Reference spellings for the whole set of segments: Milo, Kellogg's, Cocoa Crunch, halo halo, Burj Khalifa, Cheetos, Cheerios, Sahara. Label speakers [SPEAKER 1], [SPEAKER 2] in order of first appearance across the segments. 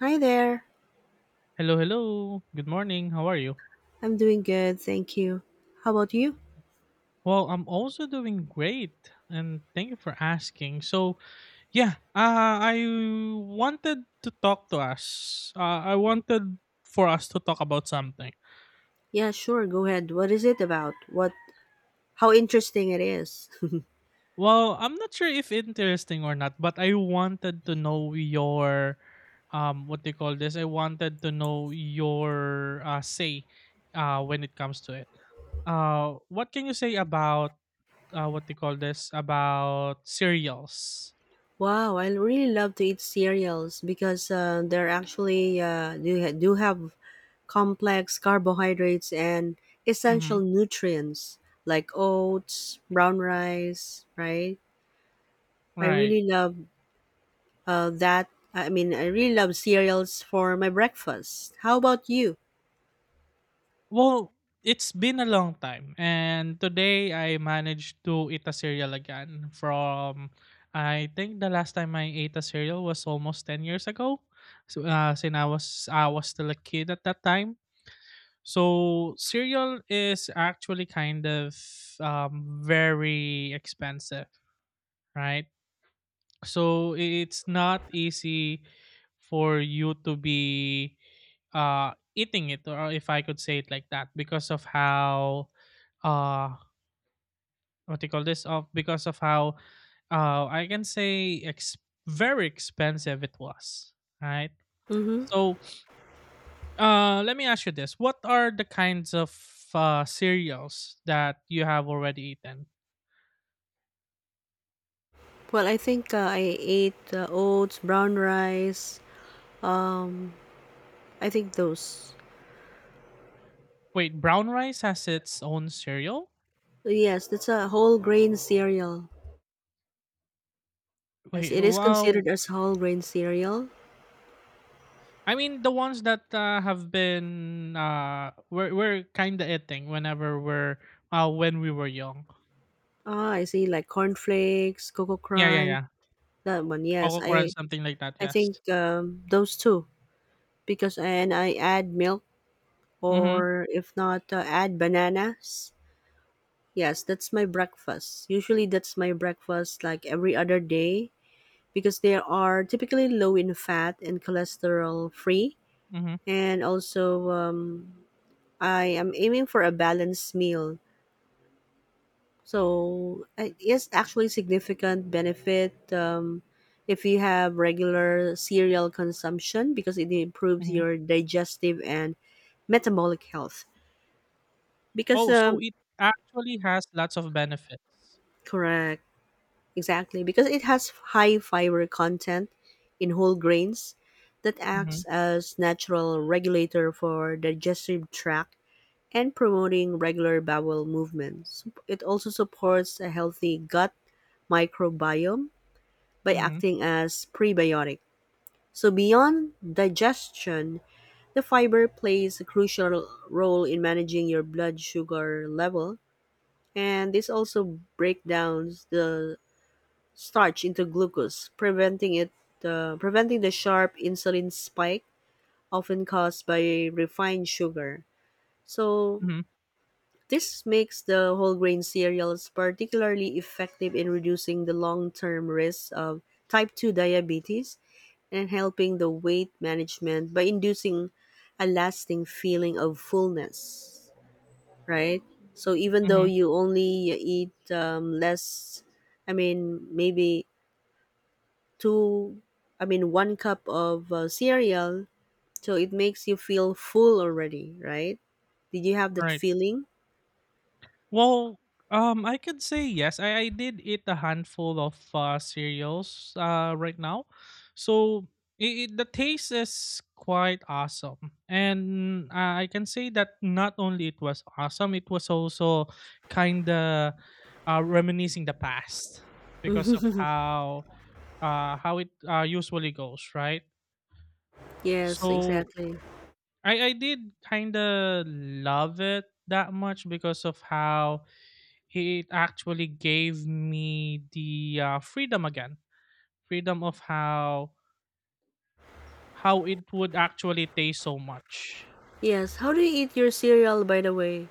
[SPEAKER 1] Hi there.
[SPEAKER 2] Hello, hello. Good morning. How are you?
[SPEAKER 1] I'm doing good, thank you. How about you?
[SPEAKER 2] Well, I'm also doing great, and thank you for asking. So, yeah, I wanted to talk to us. I wanted for us to talk about something.
[SPEAKER 1] Yeah, sure, go ahead. What is it about? What How interesting it is.
[SPEAKER 2] Well, I'm not sure if interesting or not, but I wanted to know your, what they call this. I wanted to know your say, when it comes to it. What can you say about what they call this about cereals?
[SPEAKER 1] Wow, I really love to eat cereals because they're actually do have complex carbohydrates and
[SPEAKER 2] Mhm.
[SPEAKER 1] essential nutrients like oats, brown rice, right? I
[SPEAKER 2] Right.
[SPEAKER 1] really love that. I mean, I really love cereals for my breakfast. How about you?
[SPEAKER 2] Well, it's been a long time, and today I managed to eat a cereal again from I think the last time I ate a cereal was almost 10 years ago. So since I was still a kid at that time. So cereal is actually kind of very expensive, right? So it's not easy for you to be eating it, or if I could say it like that, because of how uh what do you call this of, because of how I can say very expensive it was, right?
[SPEAKER 1] Mhm.
[SPEAKER 2] So let me ask you this. What are the kinds of cereals that you have already eaten?
[SPEAKER 1] Well, I think I ate oats, brown rice. Um, I think those.
[SPEAKER 2] Wait, brown rice has its own cereal?
[SPEAKER 1] Yes, that's a whole grain cereal. Yes,
[SPEAKER 2] Wait,
[SPEAKER 1] it is
[SPEAKER 2] wow.
[SPEAKER 1] considered as whole grain cereal.
[SPEAKER 2] I mean, the ones that have been we're kind of eating whenever we're when we were young.
[SPEAKER 1] Ah, I see, like cornflakes, cocoa
[SPEAKER 2] Yeah, yeah,
[SPEAKER 1] crunch,
[SPEAKER 2] yeah.
[SPEAKER 1] that one. Yes,
[SPEAKER 2] Coco Crunch,
[SPEAKER 1] I
[SPEAKER 2] something like that.
[SPEAKER 1] I
[SPEAKER 2] Yes.
[SPEAKER 1] think those two, because and I add milk,
[SPEAKER 2] Mhm.
[SPEAKER 1] or if not add bananas. Yes, that's my breakfast. Usually that's my breakfast like every other day because they are typically low in fat and cholesterol free.
[SPEAKER 2] Mhm.
[SPEAKER 1] And also, I am aiming for a balanced meal. So it is actually significant benefit if you have regular cereal consumption because it improves
[SPEAKER 2] Mhm.
[SPEAKER 1] your digestive and metabolic health. Because
[SPEAKER 2] Oh, so it actually has lots of benefits.
[SPEAKER 1] correct. Exactly, because it has high fiber content in whole grains that
[SPEAKER 2] Mhm.
[SPEAKER 1] acts as natural regulator for digestive tract and promoting regular bowel movements. It also supports a healthy gut microbiome by
[SPEAKER 2] Mhm.
[SPEAKER 1] acting as prebiotic. So beyond digestion, the fiber plays a crucial role in managing your blood sugar level, and this also breaks down the starch into glucose, preventing it, the preventing the sharp insulin spike often caused by refined sugar. So
[SPEAKER 2] Mhm.
[SPEAKER 1] this makes the whole grain cereals particularly effective in reducing the long-term risk of type 2 diabetes and helping the weight management by inducing a lasting feeling of fullness, right? So even though
[SPEAKER 2] Mhm.
[SPEAKER 1] you only eat less, I mean, maybe two I mean one cup of cereal, so it makes you feel full already, right? Did you have that
[SPEAKER 2] Right.
[SPEAKER 1] feeling?
[SPEAKER 2] Well, I could say yes. I did eat a handful of cereals right now, so the taste is quite awesome, and I can say that not only it was awesome, it was also kind of reminiscing the past, because of how it usually goes, right?
[SPEAKER 1] Yes,
[SPEAKER 2] So
[SPEAKER 1] exactly.
[SPEAKER 2] I did kind of love it that much, because of how it actually gave me the freedom again, freedom of how it would actually taste so much.
[SPEAKER 1] Yes, how do you eat your cereal, by the way?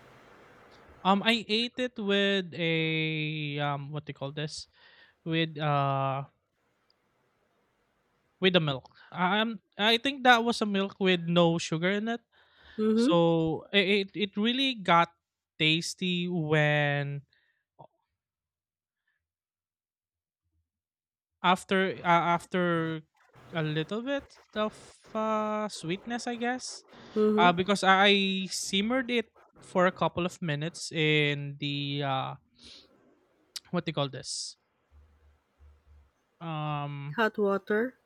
[SPEAKER 2] I ate it with a, what do you call this, with uh with the milk. I think that was a milk with no sugar in it.
[SPEAKER 1] Mm-hmm.
[SPEAKER 2] It really got tasty when, After uh, after a little bit of sweetness, I guess,
[SPEAKER 1] Mm-hmm.
[SPEAKER 2] because I simmered it for a couple of minutes in the what do you call this? Um,
[SPEAKER 1] Hot water.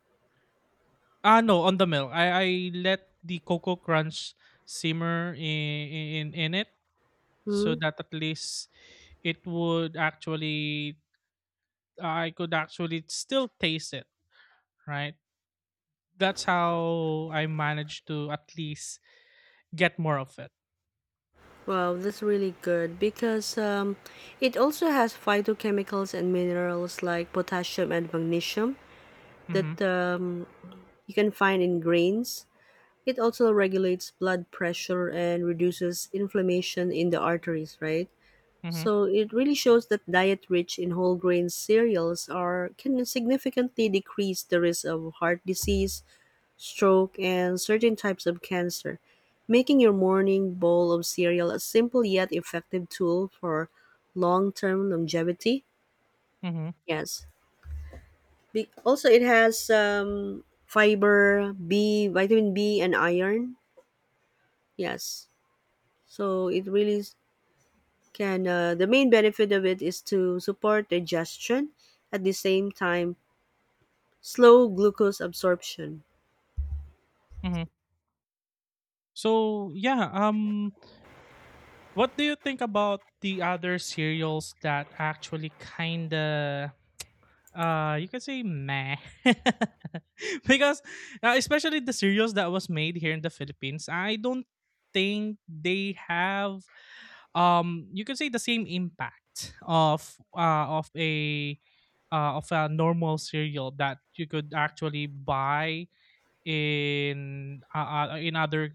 [SPEAKER 2] ah, no, on the milk. I let the cocoa crunch simmer in it, so
[SPEAKER 1] Mm-hmm.
[SPEAKER 2] that at least it would actually I could actually still taste it, right? That's how I managed to at least get more of it.
[SPEAKER 1] Wow, that's really good because it also has phytochemicals and minerals like potassium and magnesium
[SPEAKER 2] Mhm.
[SPEAKER 1] that you can find in grains. It also regulates blood pressure and reduces inflammation in the arteries, right?
[SPEAKER 2] Mhm.
[SPEAKER 1] So it really shows that diet rich in whole grain cereals are can significantly decrease the risk of heart disease, stroke, and certain types of cancer, making your morning bowl of cereal a simple yet effective tool for long-term longevity.
[SPEAKER 2] Mhm.
[SPEAKER 1] Yes. Also, it has fiber, B, vitamin B, and iron. Yes. So it really can. The main benefit of it is to support digestion, at the same time slow glucose absorption.
[SPEAKER 2] Mhm. So yeah, what do you think about the other cereals that actually kinda you can say meh, because especially the cereals that was made here in the Philippines, I don't think they have, you can say, the same impact of a normal cereal that you could actually buy in other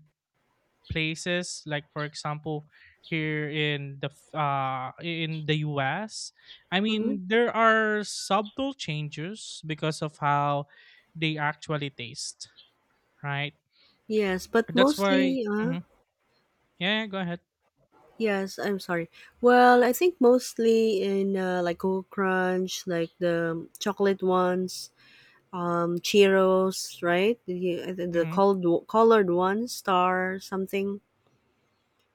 [SPEAKER 2] places, like for example here in the in the US. I
[SPEAKER 1] Hmm.
[SPEAKER 2] mean there are subtle changes because of how they actually taste, right?
[SPEAKER 1] Yes, but
[SPEAKER 2] That's why.
[SPEAKER 1] mostly.
[SPEAKER 2] Mhm. Yeah, yeah, go ahead.
[SPEAKER 1] Yes, I'm sorry. Well, I think mostly in like Cool Crunch, like the chocolate ones, Cheetos, right? The
[SPEAKER 2] Hmm.
[SPEAKER 1] cold colored ones, Star something.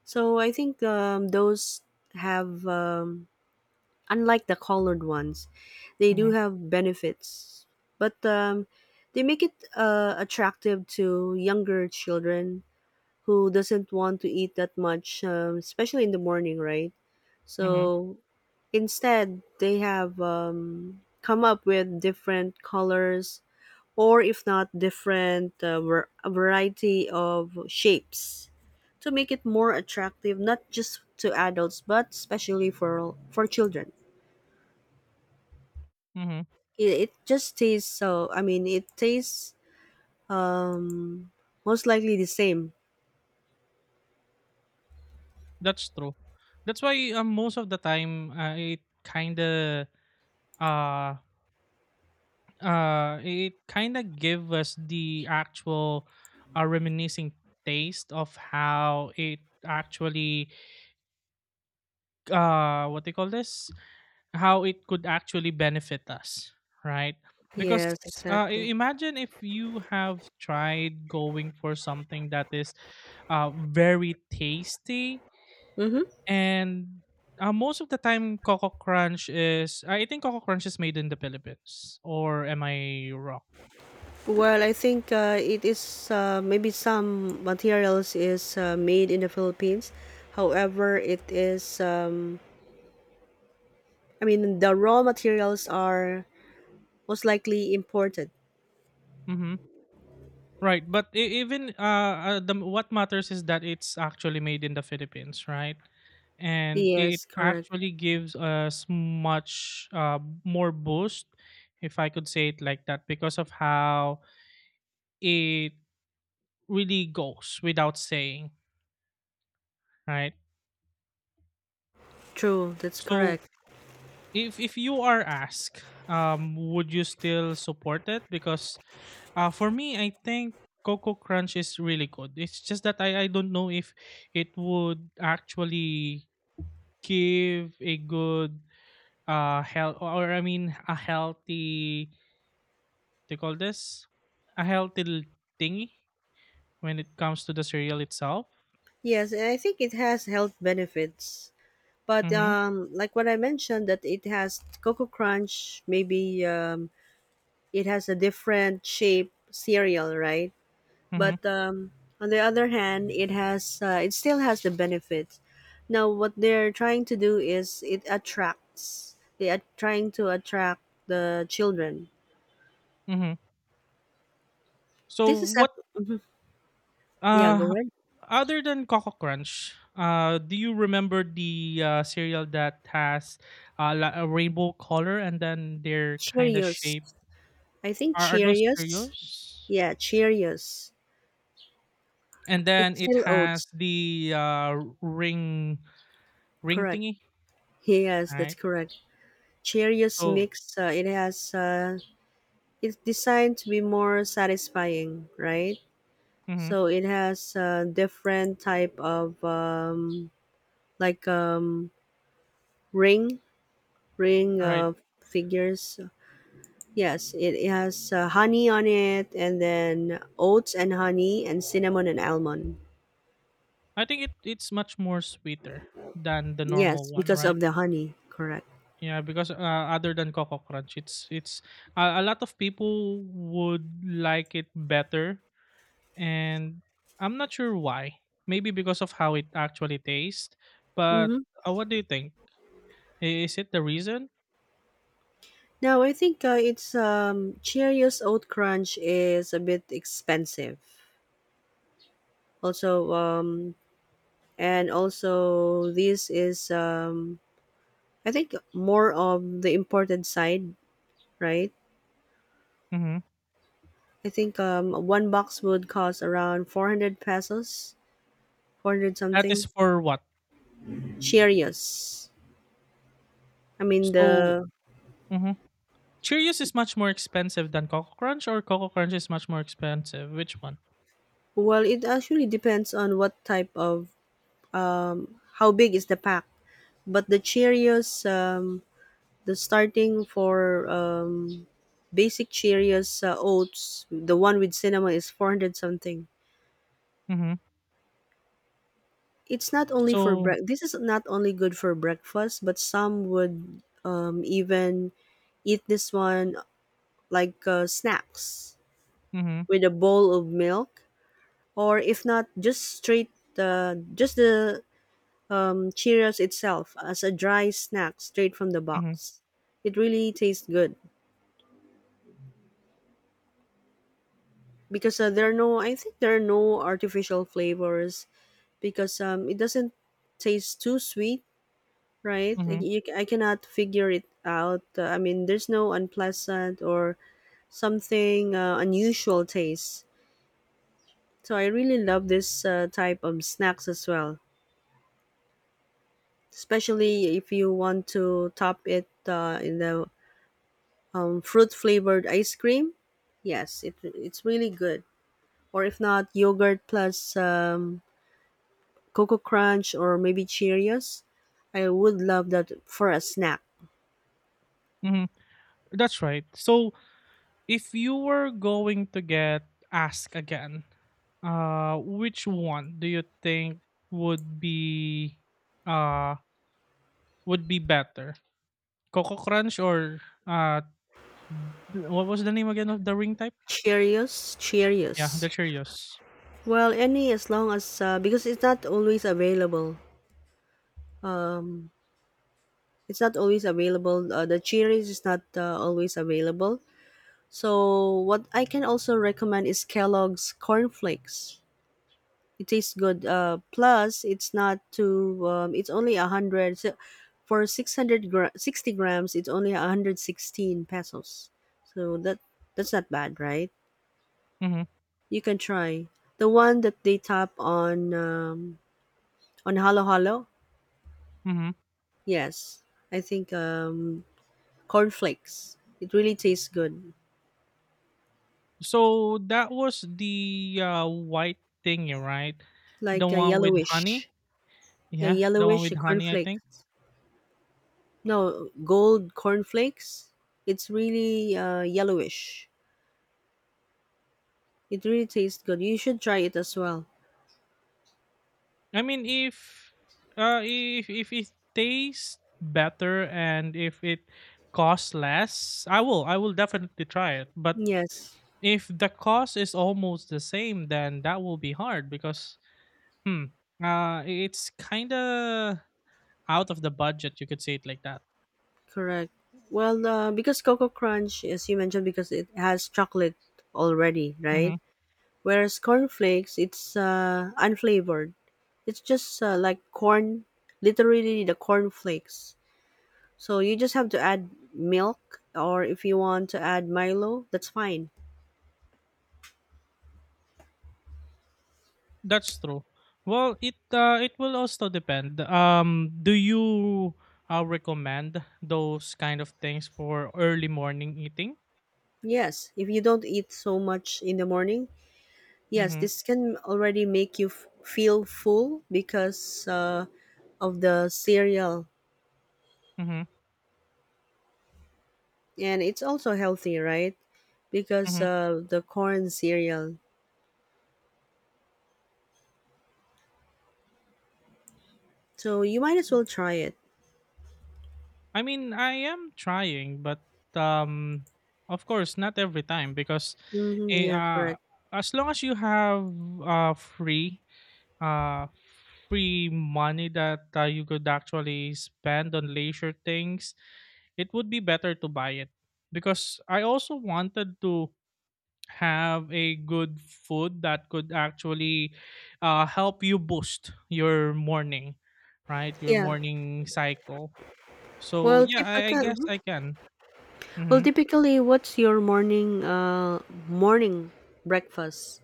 [SPEAKER 1] So I think those have. Unlike the colored ones. They do
[SPEAKER 2] Hmm.
[SPEAKER 1] have benefits, but they make it attractive to younger children who doesn't want to eat that much, especially in the morning, right?
[SPEAKER 2] Hmm.
[SPEAKER 1] So instead, they have come up with different colors, or if not, different a variety of shapes to make it more attractive, not just to adults, but especially for children.
[SPEAKER 2] Hmm.
[SPEAKER 1] It just tastes, so I mean, it tastes um most likely the same.
[SPEAKER 2] That's true. That's why most of the time uh it kind of gave us the actual reminiscing taste of how it actually what they call this, how it could actually benefit us, right? Because
[SPEAKER 1] Yes, exactly.
[SPEAKER 2] imagine if you have tried going for something that is very tasty.
[SPEAKER 1] Mm-hmm.
[SPEAKER 2] And most of the time, coco crunch is I think Coco Crunch is made in the Philippines, or am I wrong?
[SPEAKER 1] Well, I think it is maybe some materials is made in the Philippines. However, it is I mean, the raw materials are most likely imported.
[SPEAKER 2] Mm-hmm. Right, but even, the what matters is that it's actually made in the Philippines, right? And it
[SPEAKER 1] Yes, correct.
[SPEAKER 2] actually gives us much more boost, if I could say it like that, because of how it really goes without saying, right?
[SPEAKER 1] True, that's
[SPEAKER 2] So
[SPEAKER 1] correct.
[SPEAKER 2] if you are asked, would you still support it? Because for me, I think Coco Crunch is really good. It's just that I don't know if it would actually give a good health, or I mean a healthy, what do you call this, a healthy thingy when it comes to the cereal itself.
[SPEAKER 1] Yes, and I think it has health benefits. But
[SPEAKER 2] Mm-hmm.
[SPEAKER 1] like what I mentioned, that it has Cocoa Crunch. Maybe it has a different shape cereal, right?
[SPEAKER 2] Mm-hmm.
[SPEAKER 1] But on the other hand, it still has the benefits. Now, what they're trying to do is it attracts. They are trying to attract the children.
[SPEAKER 2] Mm-hmm. So
[SPEAKER 1] This is
[SPEAKER 2] what
[SPEAKER 1] ac- yeah, go
[SPEAKER 2] Uh,
[SPEAKER 1] ahead.
[SPEAKER 2] other than Coco Crunch, do you remember the cereal that has a rainbow color and then their kind of
[SPEAKER 1] Cheerios.
[SPEAKER 2] shape?
[SPEAKER 1] I think
[SPEAKER 2] Are those
[SPEAKER 1] Cheerios.
[SPEAKER 2] cereals?
[SPEAKER 1] Yeah, Cheerios.
[SPEAKER 2] And
[SPEAKER 1] It's
[SPEAKER 2] then it
[SPEAKER 1] still
[SPEAKER 2] has
[SPEAKER 1] oats.
[SPEAKER 2] the ring ring
[SPEAKER 1] Correct.
[SPEAKER 2] thingy,
[SPEAKER 1] Yes, that's
[SPEAKER 2] right?
[SPEAKER 1] correct. Cheerios
[SPEAKER 2] So.
[SPEAKER 1] mix. It has. It's designed to be more satisfying, right?
[SPEAKER 2] Mhm.
[SPEAKER 1] So it has different type of like ring ring
[SPEAKER 2] Right.
[SPEAKER 1] uh, figures. Yes, it has honey on it, and then oats and honey, and cinnamon and almond.
[SPEAKER 2] I think it's much more sweeter than the normal
[SPEAKER 1] Yes,
[SPEAKER 2] one,
[SPEAKER 1] because
[SPEAKER 2] right?
[SPEAKER 1] of the honey. Correct.
[SPEAKER 2] Yeah, because other than Coco Crunch, it's a lot of people would like it better, and I'm not sure why. Maybe because of how it actually tastes.
[SPEAKER 1] Mm-hmm.
[SPEAKER 2] But what do you think? Is it the reason?
[SPEAKER 1] Now I think it's Cheerios Oat Crunch is a bit expensive. Also, and also this is I think more of the imported side, right?
[SPEAKER 2] Mm-hmm.
[SPEAKER 1] I think one box would cost around 400 pesos, 400
[SPEAKER 2] That is
[SPEAKER 1] something.
[SPEAKER 2] for what?
[SPEAKER 1] Cheerios. I mean the
[SPEAKER 2] So. Mm-hmm. Cheerios is much more expensive than Coco Crunch, or Coco Crunch is much more expensive. Which one?
[SPEAKER 1] Well, it actually depends on what type of, how big is the pack. But the Cheerios, the starting for basic Cheerios oats, the one with cinnamon, is 400 something.
[SPEAKER 2] Mm-hmm.
[SPEAKER 1] It's not only for
[SPEAKER 2] So.
[SPEAKER 1] break. This is not only good for breakfast, but some would even eat this one like snacks,
[SPEAKER 2] Mm-hmm.
[SPEAKER 1] with a bowl of milk, or if not, just straight, just the Cheerios itself as a dry snack, straight from the
[SPEAKER 2] Mhm.
[SPEAKER 1] box. It really tastes good because there are no. I think there are no artificial flavors because it doesn't taste too sweet, right? Like,
[SPEAKER 2] Mhm.
[SPEAKER 1] You, I cannot figure it out. I mean, there's no unpleasant or something unusual taste. So I really love this type of snacks as well, especially if you want to top it in the fruit flavored ice cream. Yes, it's really good. Or if not, yogurt plus Cocoa Crunch or maybe Cheerios. I would love that for a snack.
[SPEAKER 2] Mhm. That's right. So, if you were going to get asked again, which one do you think would be uh would be better, Coco Crunch or uh, what was the name again of the ring type?
[SPEAKER 1] Cheerios,
[SPEAKER 2] Yeah, the
[SPEAKER 1] Cheerios.
[SPEAKER 2] Cheerios.
[SPEAKER 1] Well, any, as long as because it's not always available. Um, it's not always available. The Cheerios is not always available. So what I can also recommend is Kellogg's cornflakes. It tastes good. Plus, it's not too. It's only 100. So for 60 grams, it's only 116 pesos. So that's not bad, right?
[SPEAKER 2] Mm-hmm.
[SPEAKER 1] You can try the one that they tap on halo halo.
[SPEAKER 2] Mm-hmm.
[SPEAKER 1] Yes, I think cornflakes. It really tastes good,
[SPEAKER 2] So that was the white thingy, right? The
[SPEAKER 1] like a
[SPEAKER 2] one with honey.
[SPEAKER 1] yellowish,
[SPEAKER 2] Yeah, the one with honey, I think.
[SPEAKER 1] cornflakes. No, gold cornflakes. It's really yellowish. It really tastes good. You should try it as well.
[SPEAKER 2] I mean, if it tastes better and if it costs less, I will definitely try it. But
[SPEAKER 1] Yes,
[SPEAKER 2] if the cost is almost the same, then that will be hard because, hmm, it's kind of out of the budget. You could say it like that.
[SPEAKER 1] correct. Well, because Cocoa Crunch, as you mentioned, because it has chocolate already, right?
[SPEAKER 2] Mm-hmm.
[SPEAKER 1] Whereas cornflakes, it's unflavored. It's just like corn, literally the cornflakes. So you just have to add milk, or if you want to add Milo, that's fine.
[SPEAKER 2] That's true. Well, it will also depend. Do you recommend those kind of things for early morning eating?
[SPEAKER 1] Yes, if you don't eat so much in the morning, yes,
[SPEAKER 2] Mm-hmm.
[SPEAKER 1] this can already make you feel full because of the cereal.
[SPEAKER 2] Mm-hmm.
[SPEAKER 1] And it's also healthy, right? Because
[SPEAKER 2] Hmm.
[SPEAKER 1] the corn cereal. So you might as well try it.
[SPEAKER 2] I mean, I am trying, but um, of course, not every time because,
[SPEAKER 1] Hmm,
[SPEAKER 2] eh,
[SPEAKER 1] yeah,
[SPEAKER 2] uh,
[SPEAKER 1] correct.
[SPEAKER 2] as long as you have uh, free uh, free money that you could actually spend on leisure things, it would be better to buy it, because I also wanted to have a good food that could actually help you boost your morning, right? Your
[SPEAKER 1] Yeah.
[SPEAKER 2] morning cycle. So
[SPEAKER 1] Well,
[SPEAKER 2] yeah, I guess
[SPEAKER 1] typically,
[SPEAKER 2] I can.
[SPEAKER 1] well,
[SPEAKER 2] Hmm.
[SPEAKER 1] typically, what's your morning breakfast?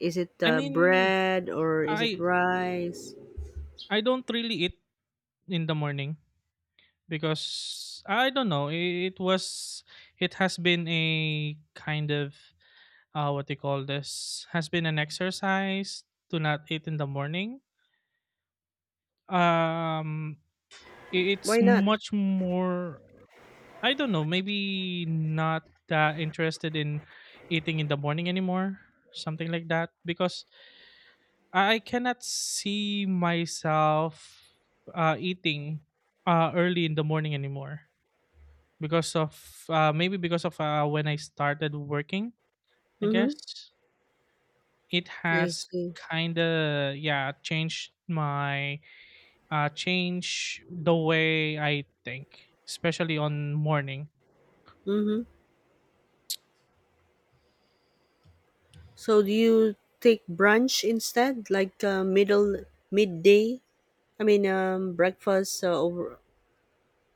[SPEAKER 1] Is it
[SPEAKER 2] I mean,
[SPEAKER 1] bread, or is it
[SPEAKER 2] I
[SPEAKER 1] rice?
[SPEAKER 2] I don't really eat in the morning, because I don't know. It was, it has been a kind of what they call this, has been an exercise to not eat in the morning. Um, it's
[SPEAKER 1] Why not?
[SPEAKER 2] much more. I don't know. Maybe not that interested in eating in the morning anymore. Something like that, because I cannot see myself eating early in the morning anymore because of, maybe because of when I started working. I
[SPEAKER 1] Mm-hmm.
[SPEAKER 2] guess it
[SPEAKER 1] I
[SPEAKER 2] has
[SPEAKER 1] see.
[SPEAKER 2] kind of, yeah, changed my change the way I think, especially on morning.
[SPEAKER 1] Mm-hmm. So do you take brunch instead, like middle midday? I mean, breakfast over.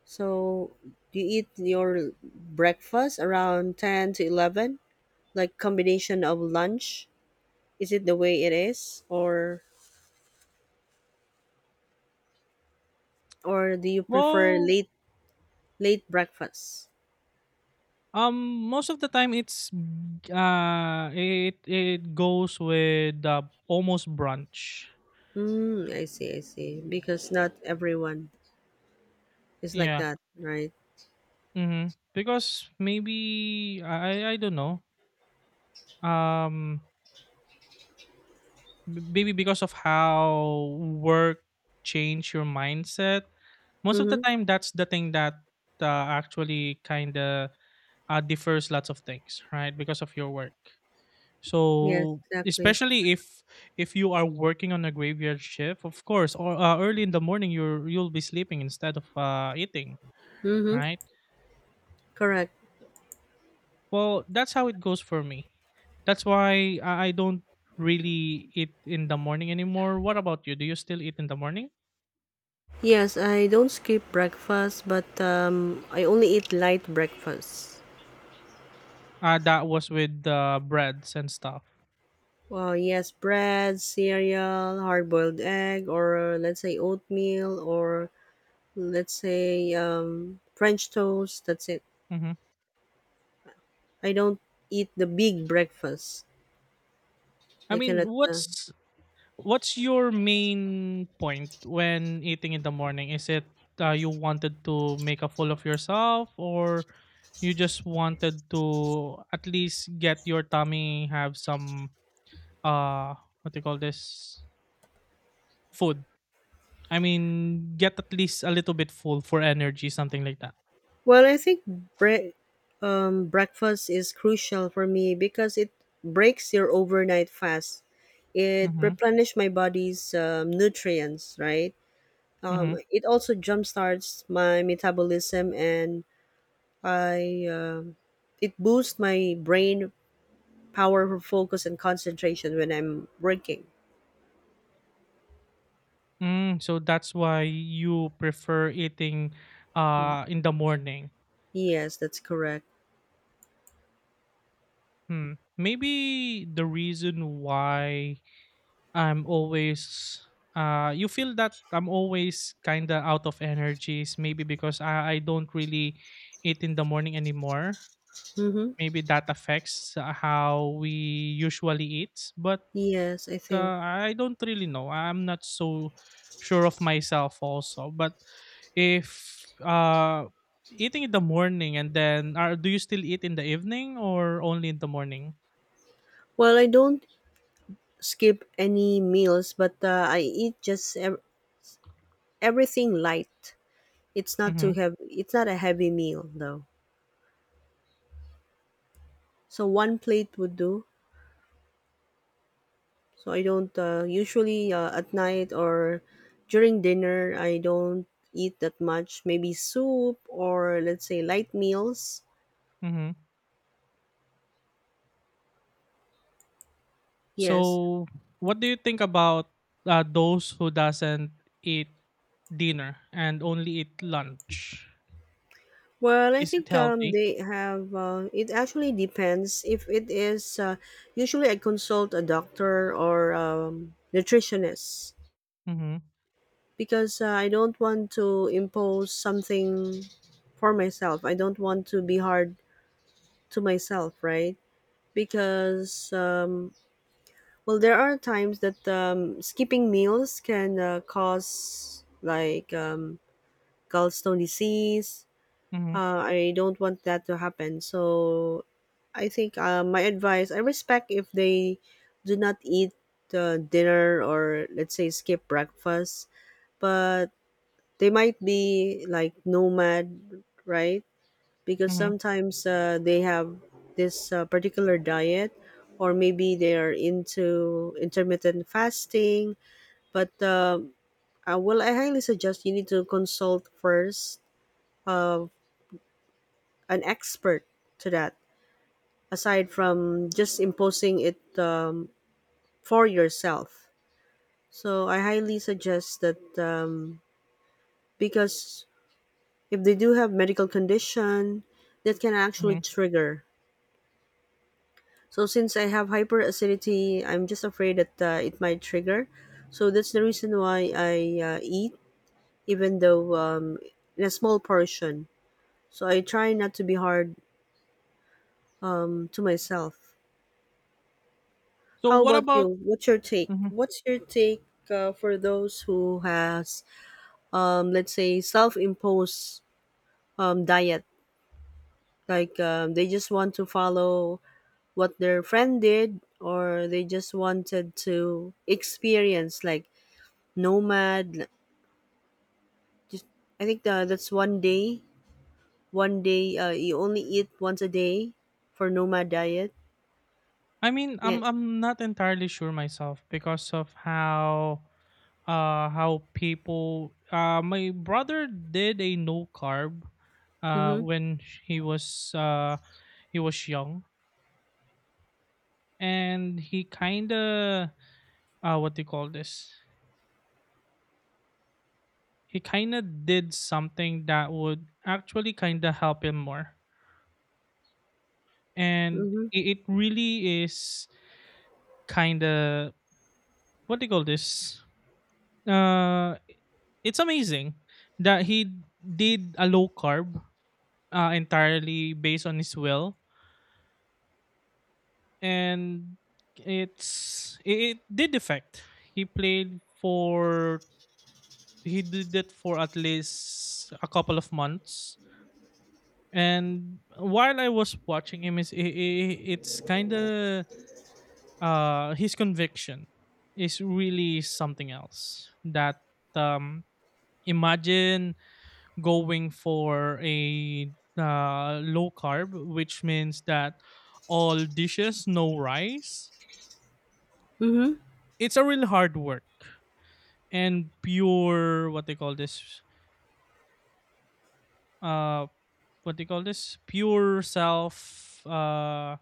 [SPEAKER 1] So do you eat your breakfast around 10 to 11, like combination of lunch? Is it the way it is, or do you prefer
[SPEAKER 2] Well,
[SPEAKER 1] late breakfast?
[SPEAKER 2] um, most of the time it goes with almost brunch.
[SPEAKER 1] Mm, I see, I see. Because not everyone. It's like
[SPEAKER 2] Yeah.
[SPEAKER 1] that, right?
[SPEAKER 2] Mhm. Because maybe I don't know. Um maybe because of how work change your mindset. Most of the
[SPEAKER 1] Mm-hmm.
[SPEAKER 2] time that's the thing that uh, actually kind of differs lots of things, right? Because of your work.
[SPEAKER 1] Yes,
[SPEAKER 2] So
[SPEAKER 1] exactly.
[SPEAKER 2] especially if you are working on a graveyard shift, of course, or early in the morning you'll be sleeping instead of eating,
[SPEAKER 1] Mm-hmm.
[SPEAKER 2] right?
[SPEAKER 1] Correct.
[SPEAKER 2] Well, that's how it goes for me. That's why I don't really eat in the morning anymore. What about you? Do you still eat in the morning?
[SPEAKER 1] Yes, I don't skip breakfast, but I only eat light breakfast.
[SPEAKER 2] That was with the breads and stuff.
[SPEAKER 1] Well, yes, bread, cereal, hard-boiled egg, or let's say oatmeal, or let's say French toast. That's it.
[SPEAKER 2] Hmm.
[SPEAKER 1] I don't eat the big breakfast.
[SPEAKER 2] I
[SPEAKER 1] I
[SPEAKER 2] mean,
[SPEAKER 1] cannot.
[SPEAKER 2] what's your main point when eating in the morning? Is it you wanted to make a fool of yourself, or you just wanted to at least get your tummy have some, uh what do you call this, food? I mean, get at least a little bit full for energy, something like that.
[SPEAKER 1] Well, I think bre- breakfast is crucial for me because it breaks your overnight fast. It
[SPEAKER 2] Mhm.
[SPEAKER 1] replenishes my body's nutrients, right?
[SPEAKER 2] Mhm.
[SPEAKER 1] It also jumpstarts my metabolism, and I it boosts my brain power for focus and concentration when I'm working.
[SPEAKER 2] Mm, so that's why you prefer eating in the morning.
[SPEAKER 1] Yes, that's correct.
[SPEAKER 2] Hmm. Maybe the reason why I'm always you feel that I'm always kind of out of energies, maybe because I don't really eat in the morning anymore.
[SPEAKER 1] Mm-hmm.
[SPEAKER 2] Maybe that affects how we usually eat, but
[SPEAKER 1] Yes, I think.
[SPEAKER 2] I don't really know. I'm not so sure of myself also. But if eating in the morning, and then are do you still eat in the evening or only in the morning?
[SPEAKER 1] Well, I don't skip any meals, but I eat just everything light. It's not too
[SPEAKER 2] Mhm.
[SPEAKER 1] heavy. It's not a heavy meal though. So one plate would do. So I don't usually at night or during dinner I don't eat that much. Maybe soup or let's say light meals. Yes.
[SPEAKER 2] So, what do you think about those who doesn't eat dinner and only eat lunch?
[SPEAKER 1] Well, I
[SPEAKER 2] Is it
[SPEAKER 1] think
[SPEAKER 2] healthy?
[SPEAKER 1] they have. It actually depends. If it is, usually I consult a doctor or nutritionist
[SPEAKER 2] Mhm.
[SPEAKER 1] because I don't want to impose something for myself. I don't want to be hard to myself, right? Because well, there are times that skipping meals can cause like gallstone disease.
[SPEAKER 2] Mhm.
[SPEAKER 1] I don't want that to happen. So I think my advice, I respect if they do not eat dinner or let's say skip breakfast, but they might be like nomad, right? Because
[SPEAKER 2] Mhm.
[SPEAKER 1] sometimes they have this particular diet, or maybe they are into intermittent fasting. But well, I highly suggest you need to consult first uh, an expert to that, aside from just imposing it for yourself. So I highly suggest that, because if they do have medical condition that can actually
[SPEAKER 2] Mhm.
[SPEAKER 1] trigger. So since I have hyperacidity, I'm just afraid that it might trigger. So that's the reason why I eat, even though in a small portion. So I try not to be hard to myself.
[SPEAKER 2] So,
[SPEAKER 1] How
[SPEAKER 2] what
[SPEAKER 1] about you?
[SPEAKER 2] about.
[SPEAKER 1] what's your take
[SPEAKER 2] Mhm.
[SPEAKER 1] what's your take For those who has, let's say, self-imposed diet, like, they just want to follow what their friend did, or they just wanted to experience, like, nomad, like, just, I think that's one day, you only eat once a day for nomad diet.
[SPEAKER 2] I mean,
[SPEAKER 1] Yeah.
[SPEAKER 2] I'm not entirely sure myself, because of how people, my brother did a no carb
[SPEAKER 1] Mm-hmm.
[SPEAKER 2] when he was uh he was young, and he kind of, what do you call this, he kind of did something that would actually kind of help him more. And
[SPEAKER 1] Mm-hmm.
[SPEAKER 2] it really is kind of, what do you call this? Uh, it's amazing that he did a low carb, entirely based on his will, and it did affect. He played for he did it for at least a couple of months, and while I was watching him, it's kind of, his conviction is really something else. That, um, imagine going for a low carb, which means that all dishes, no rice.
[SPEAKER 1] Mm-hmm.
[SPEAKER 2] It's a real hard work and pure, what they call this, uh what they call this, pure self uh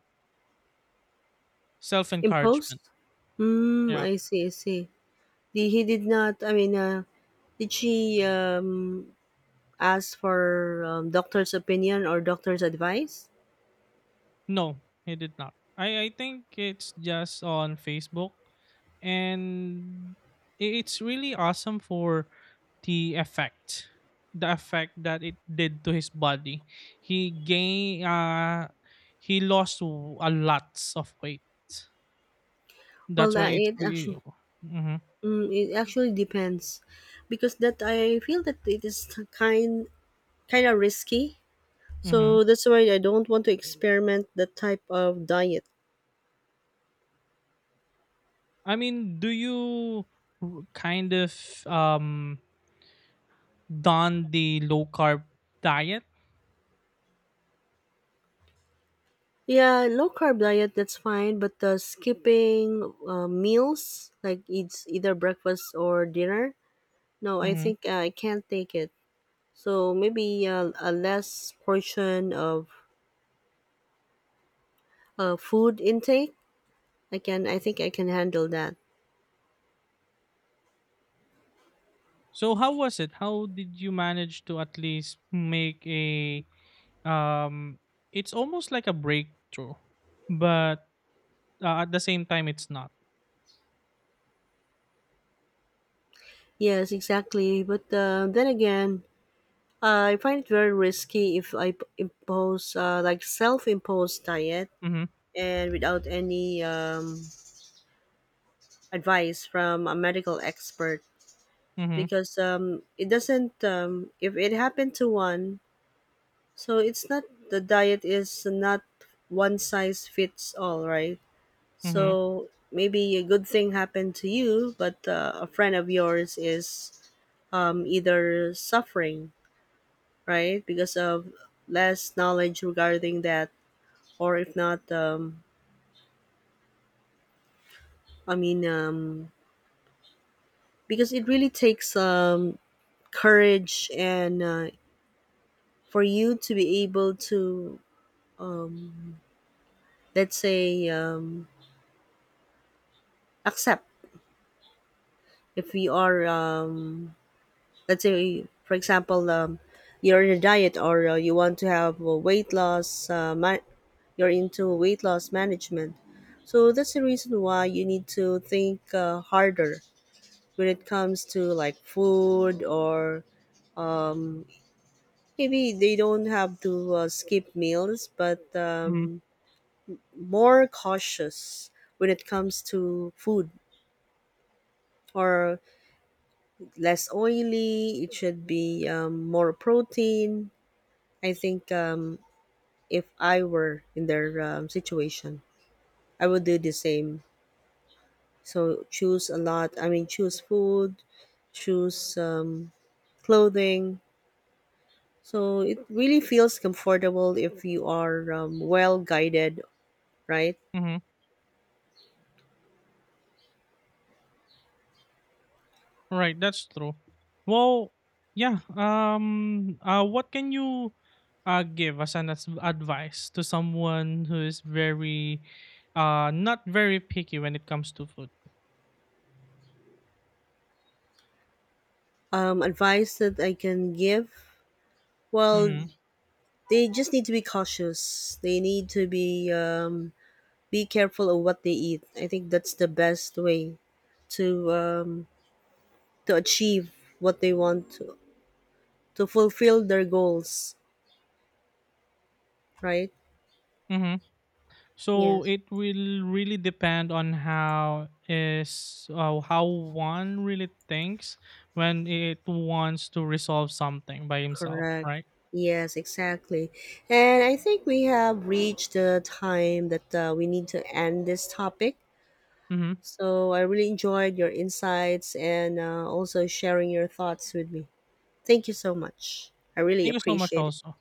[SPEAKER 2] self
[SPEAKER 1] Imposed.
[SPEAKER 2] encouragement.
[SPEAKER 1] Mm,
[SPEAKER 2] Yeah.
[SPEAKER 1] I see, I see. He did not. I mean, did she ask for doctor's opinion or doctor's advice?
[SPEAKER 2] No, he did not. I think it's just on Facebook, and it's really awesome for the effect the effect that it did to his body. He gained uh he lost a lot of weight.
[SPEAKER 1] Well,
[SPEAKER 2] That's why it's
[SPEAKER 1] it
[SPEAKER 2] really.
[SPEAKER 1] actually
[SPEAKER 2] Mm-hmm.
[SPEAKER 1] Mm, it actually depends, because that I feel that it is kind kind of risky.
[SPEAKER 2] Mm-hmm.
[SPEAKER 1] So that's why I don't want to experiment that type of diet.
[SPEAKER 2] I mean, do you kind of um don the low carb diet?
[SPEAKER 1] Yeah, low carb diet that's fine, but skipping meals, like, it's either breakfast or dinner. No, I
[SPEAKER 2] Mm-hmm.
[SPEAKER 1] think I can't take it. So maybe, a less portion of food intake. I can. I think I can handle that.
[SPEAKER 2] So how was it? How did you manage to at least make a um it's almost like a breakthrough, but at the same time it's not.
[SPEAKER 1] Yes, exactly. But then again, I find it very risky if impose, like, self-imposed diet,
[SPEAKER 2] Mhm.
[SPEAKER 1] and without any advice from a medical expert,
[SPEAKER 2] Mhm.
[SPEAKER 1] because it doesn't, if it happened to one, so it's not, the diet is not one size fits all, right?
[SPEAKER 2] Mhm.
[SPEAKER 1] So maybe a good thing happened to you, but a friend of yours is either suffering, right, because of less knowledge regarding that, or if not, I mean, because it really takes courage, and for you to be able to, um, let's say, accept if you are, let's say, for example, you're in a diet, or you want to have a weight loss, you're into weight loss management. So that's the reason why you need to think harder when it comes to, like, food, or um, maybe they don't have to skip meals, but
[SPEAKER 2] Mhm.
[SPEAKER 1] more cautious when it comes to food, or less oily. It should be more protein. I think if I were in their situation, I would do the same. So choose a lot. I mean, choose food, choose clothing. So it really feels comfortable if you are, well guided, right?
[SPEAKER 2] Mhm. Right, that's true. Well, yeah, what can you give as an advice to someone who is very, not very picky when it comes to food?
[SPEAKER 1] Advice that I can give? Well,
[SPEAKER 2] Mhm.
[SPEAKER 1] they just need to be cautious. They need to be careful of what they eat. I think that's the best way to um, to achieve what they want to fulfill their goals. Right?
[SPEAKER 2] So
[SPEAKER 1] Yes.
[SPEAKER 2] it will really depend on how one really thinks when it wants to resolve something by himself,
[SPEAKER 1] Correct.
[SPEAKER 2] right?
[SPEAKER 1] Yes, exactly. And I think we have reached the time that we need to end this topic.
[SPEAKER 2] Mm-hmm.
[SPEAKER 1] So I really enjoyed your insights, and also sharing your thoughts with me. Thank you so much. I really
[SPEAKER 2] Thank you so much,
[SPEAKER 1] appreciate it.
[SPEAKER 2] also.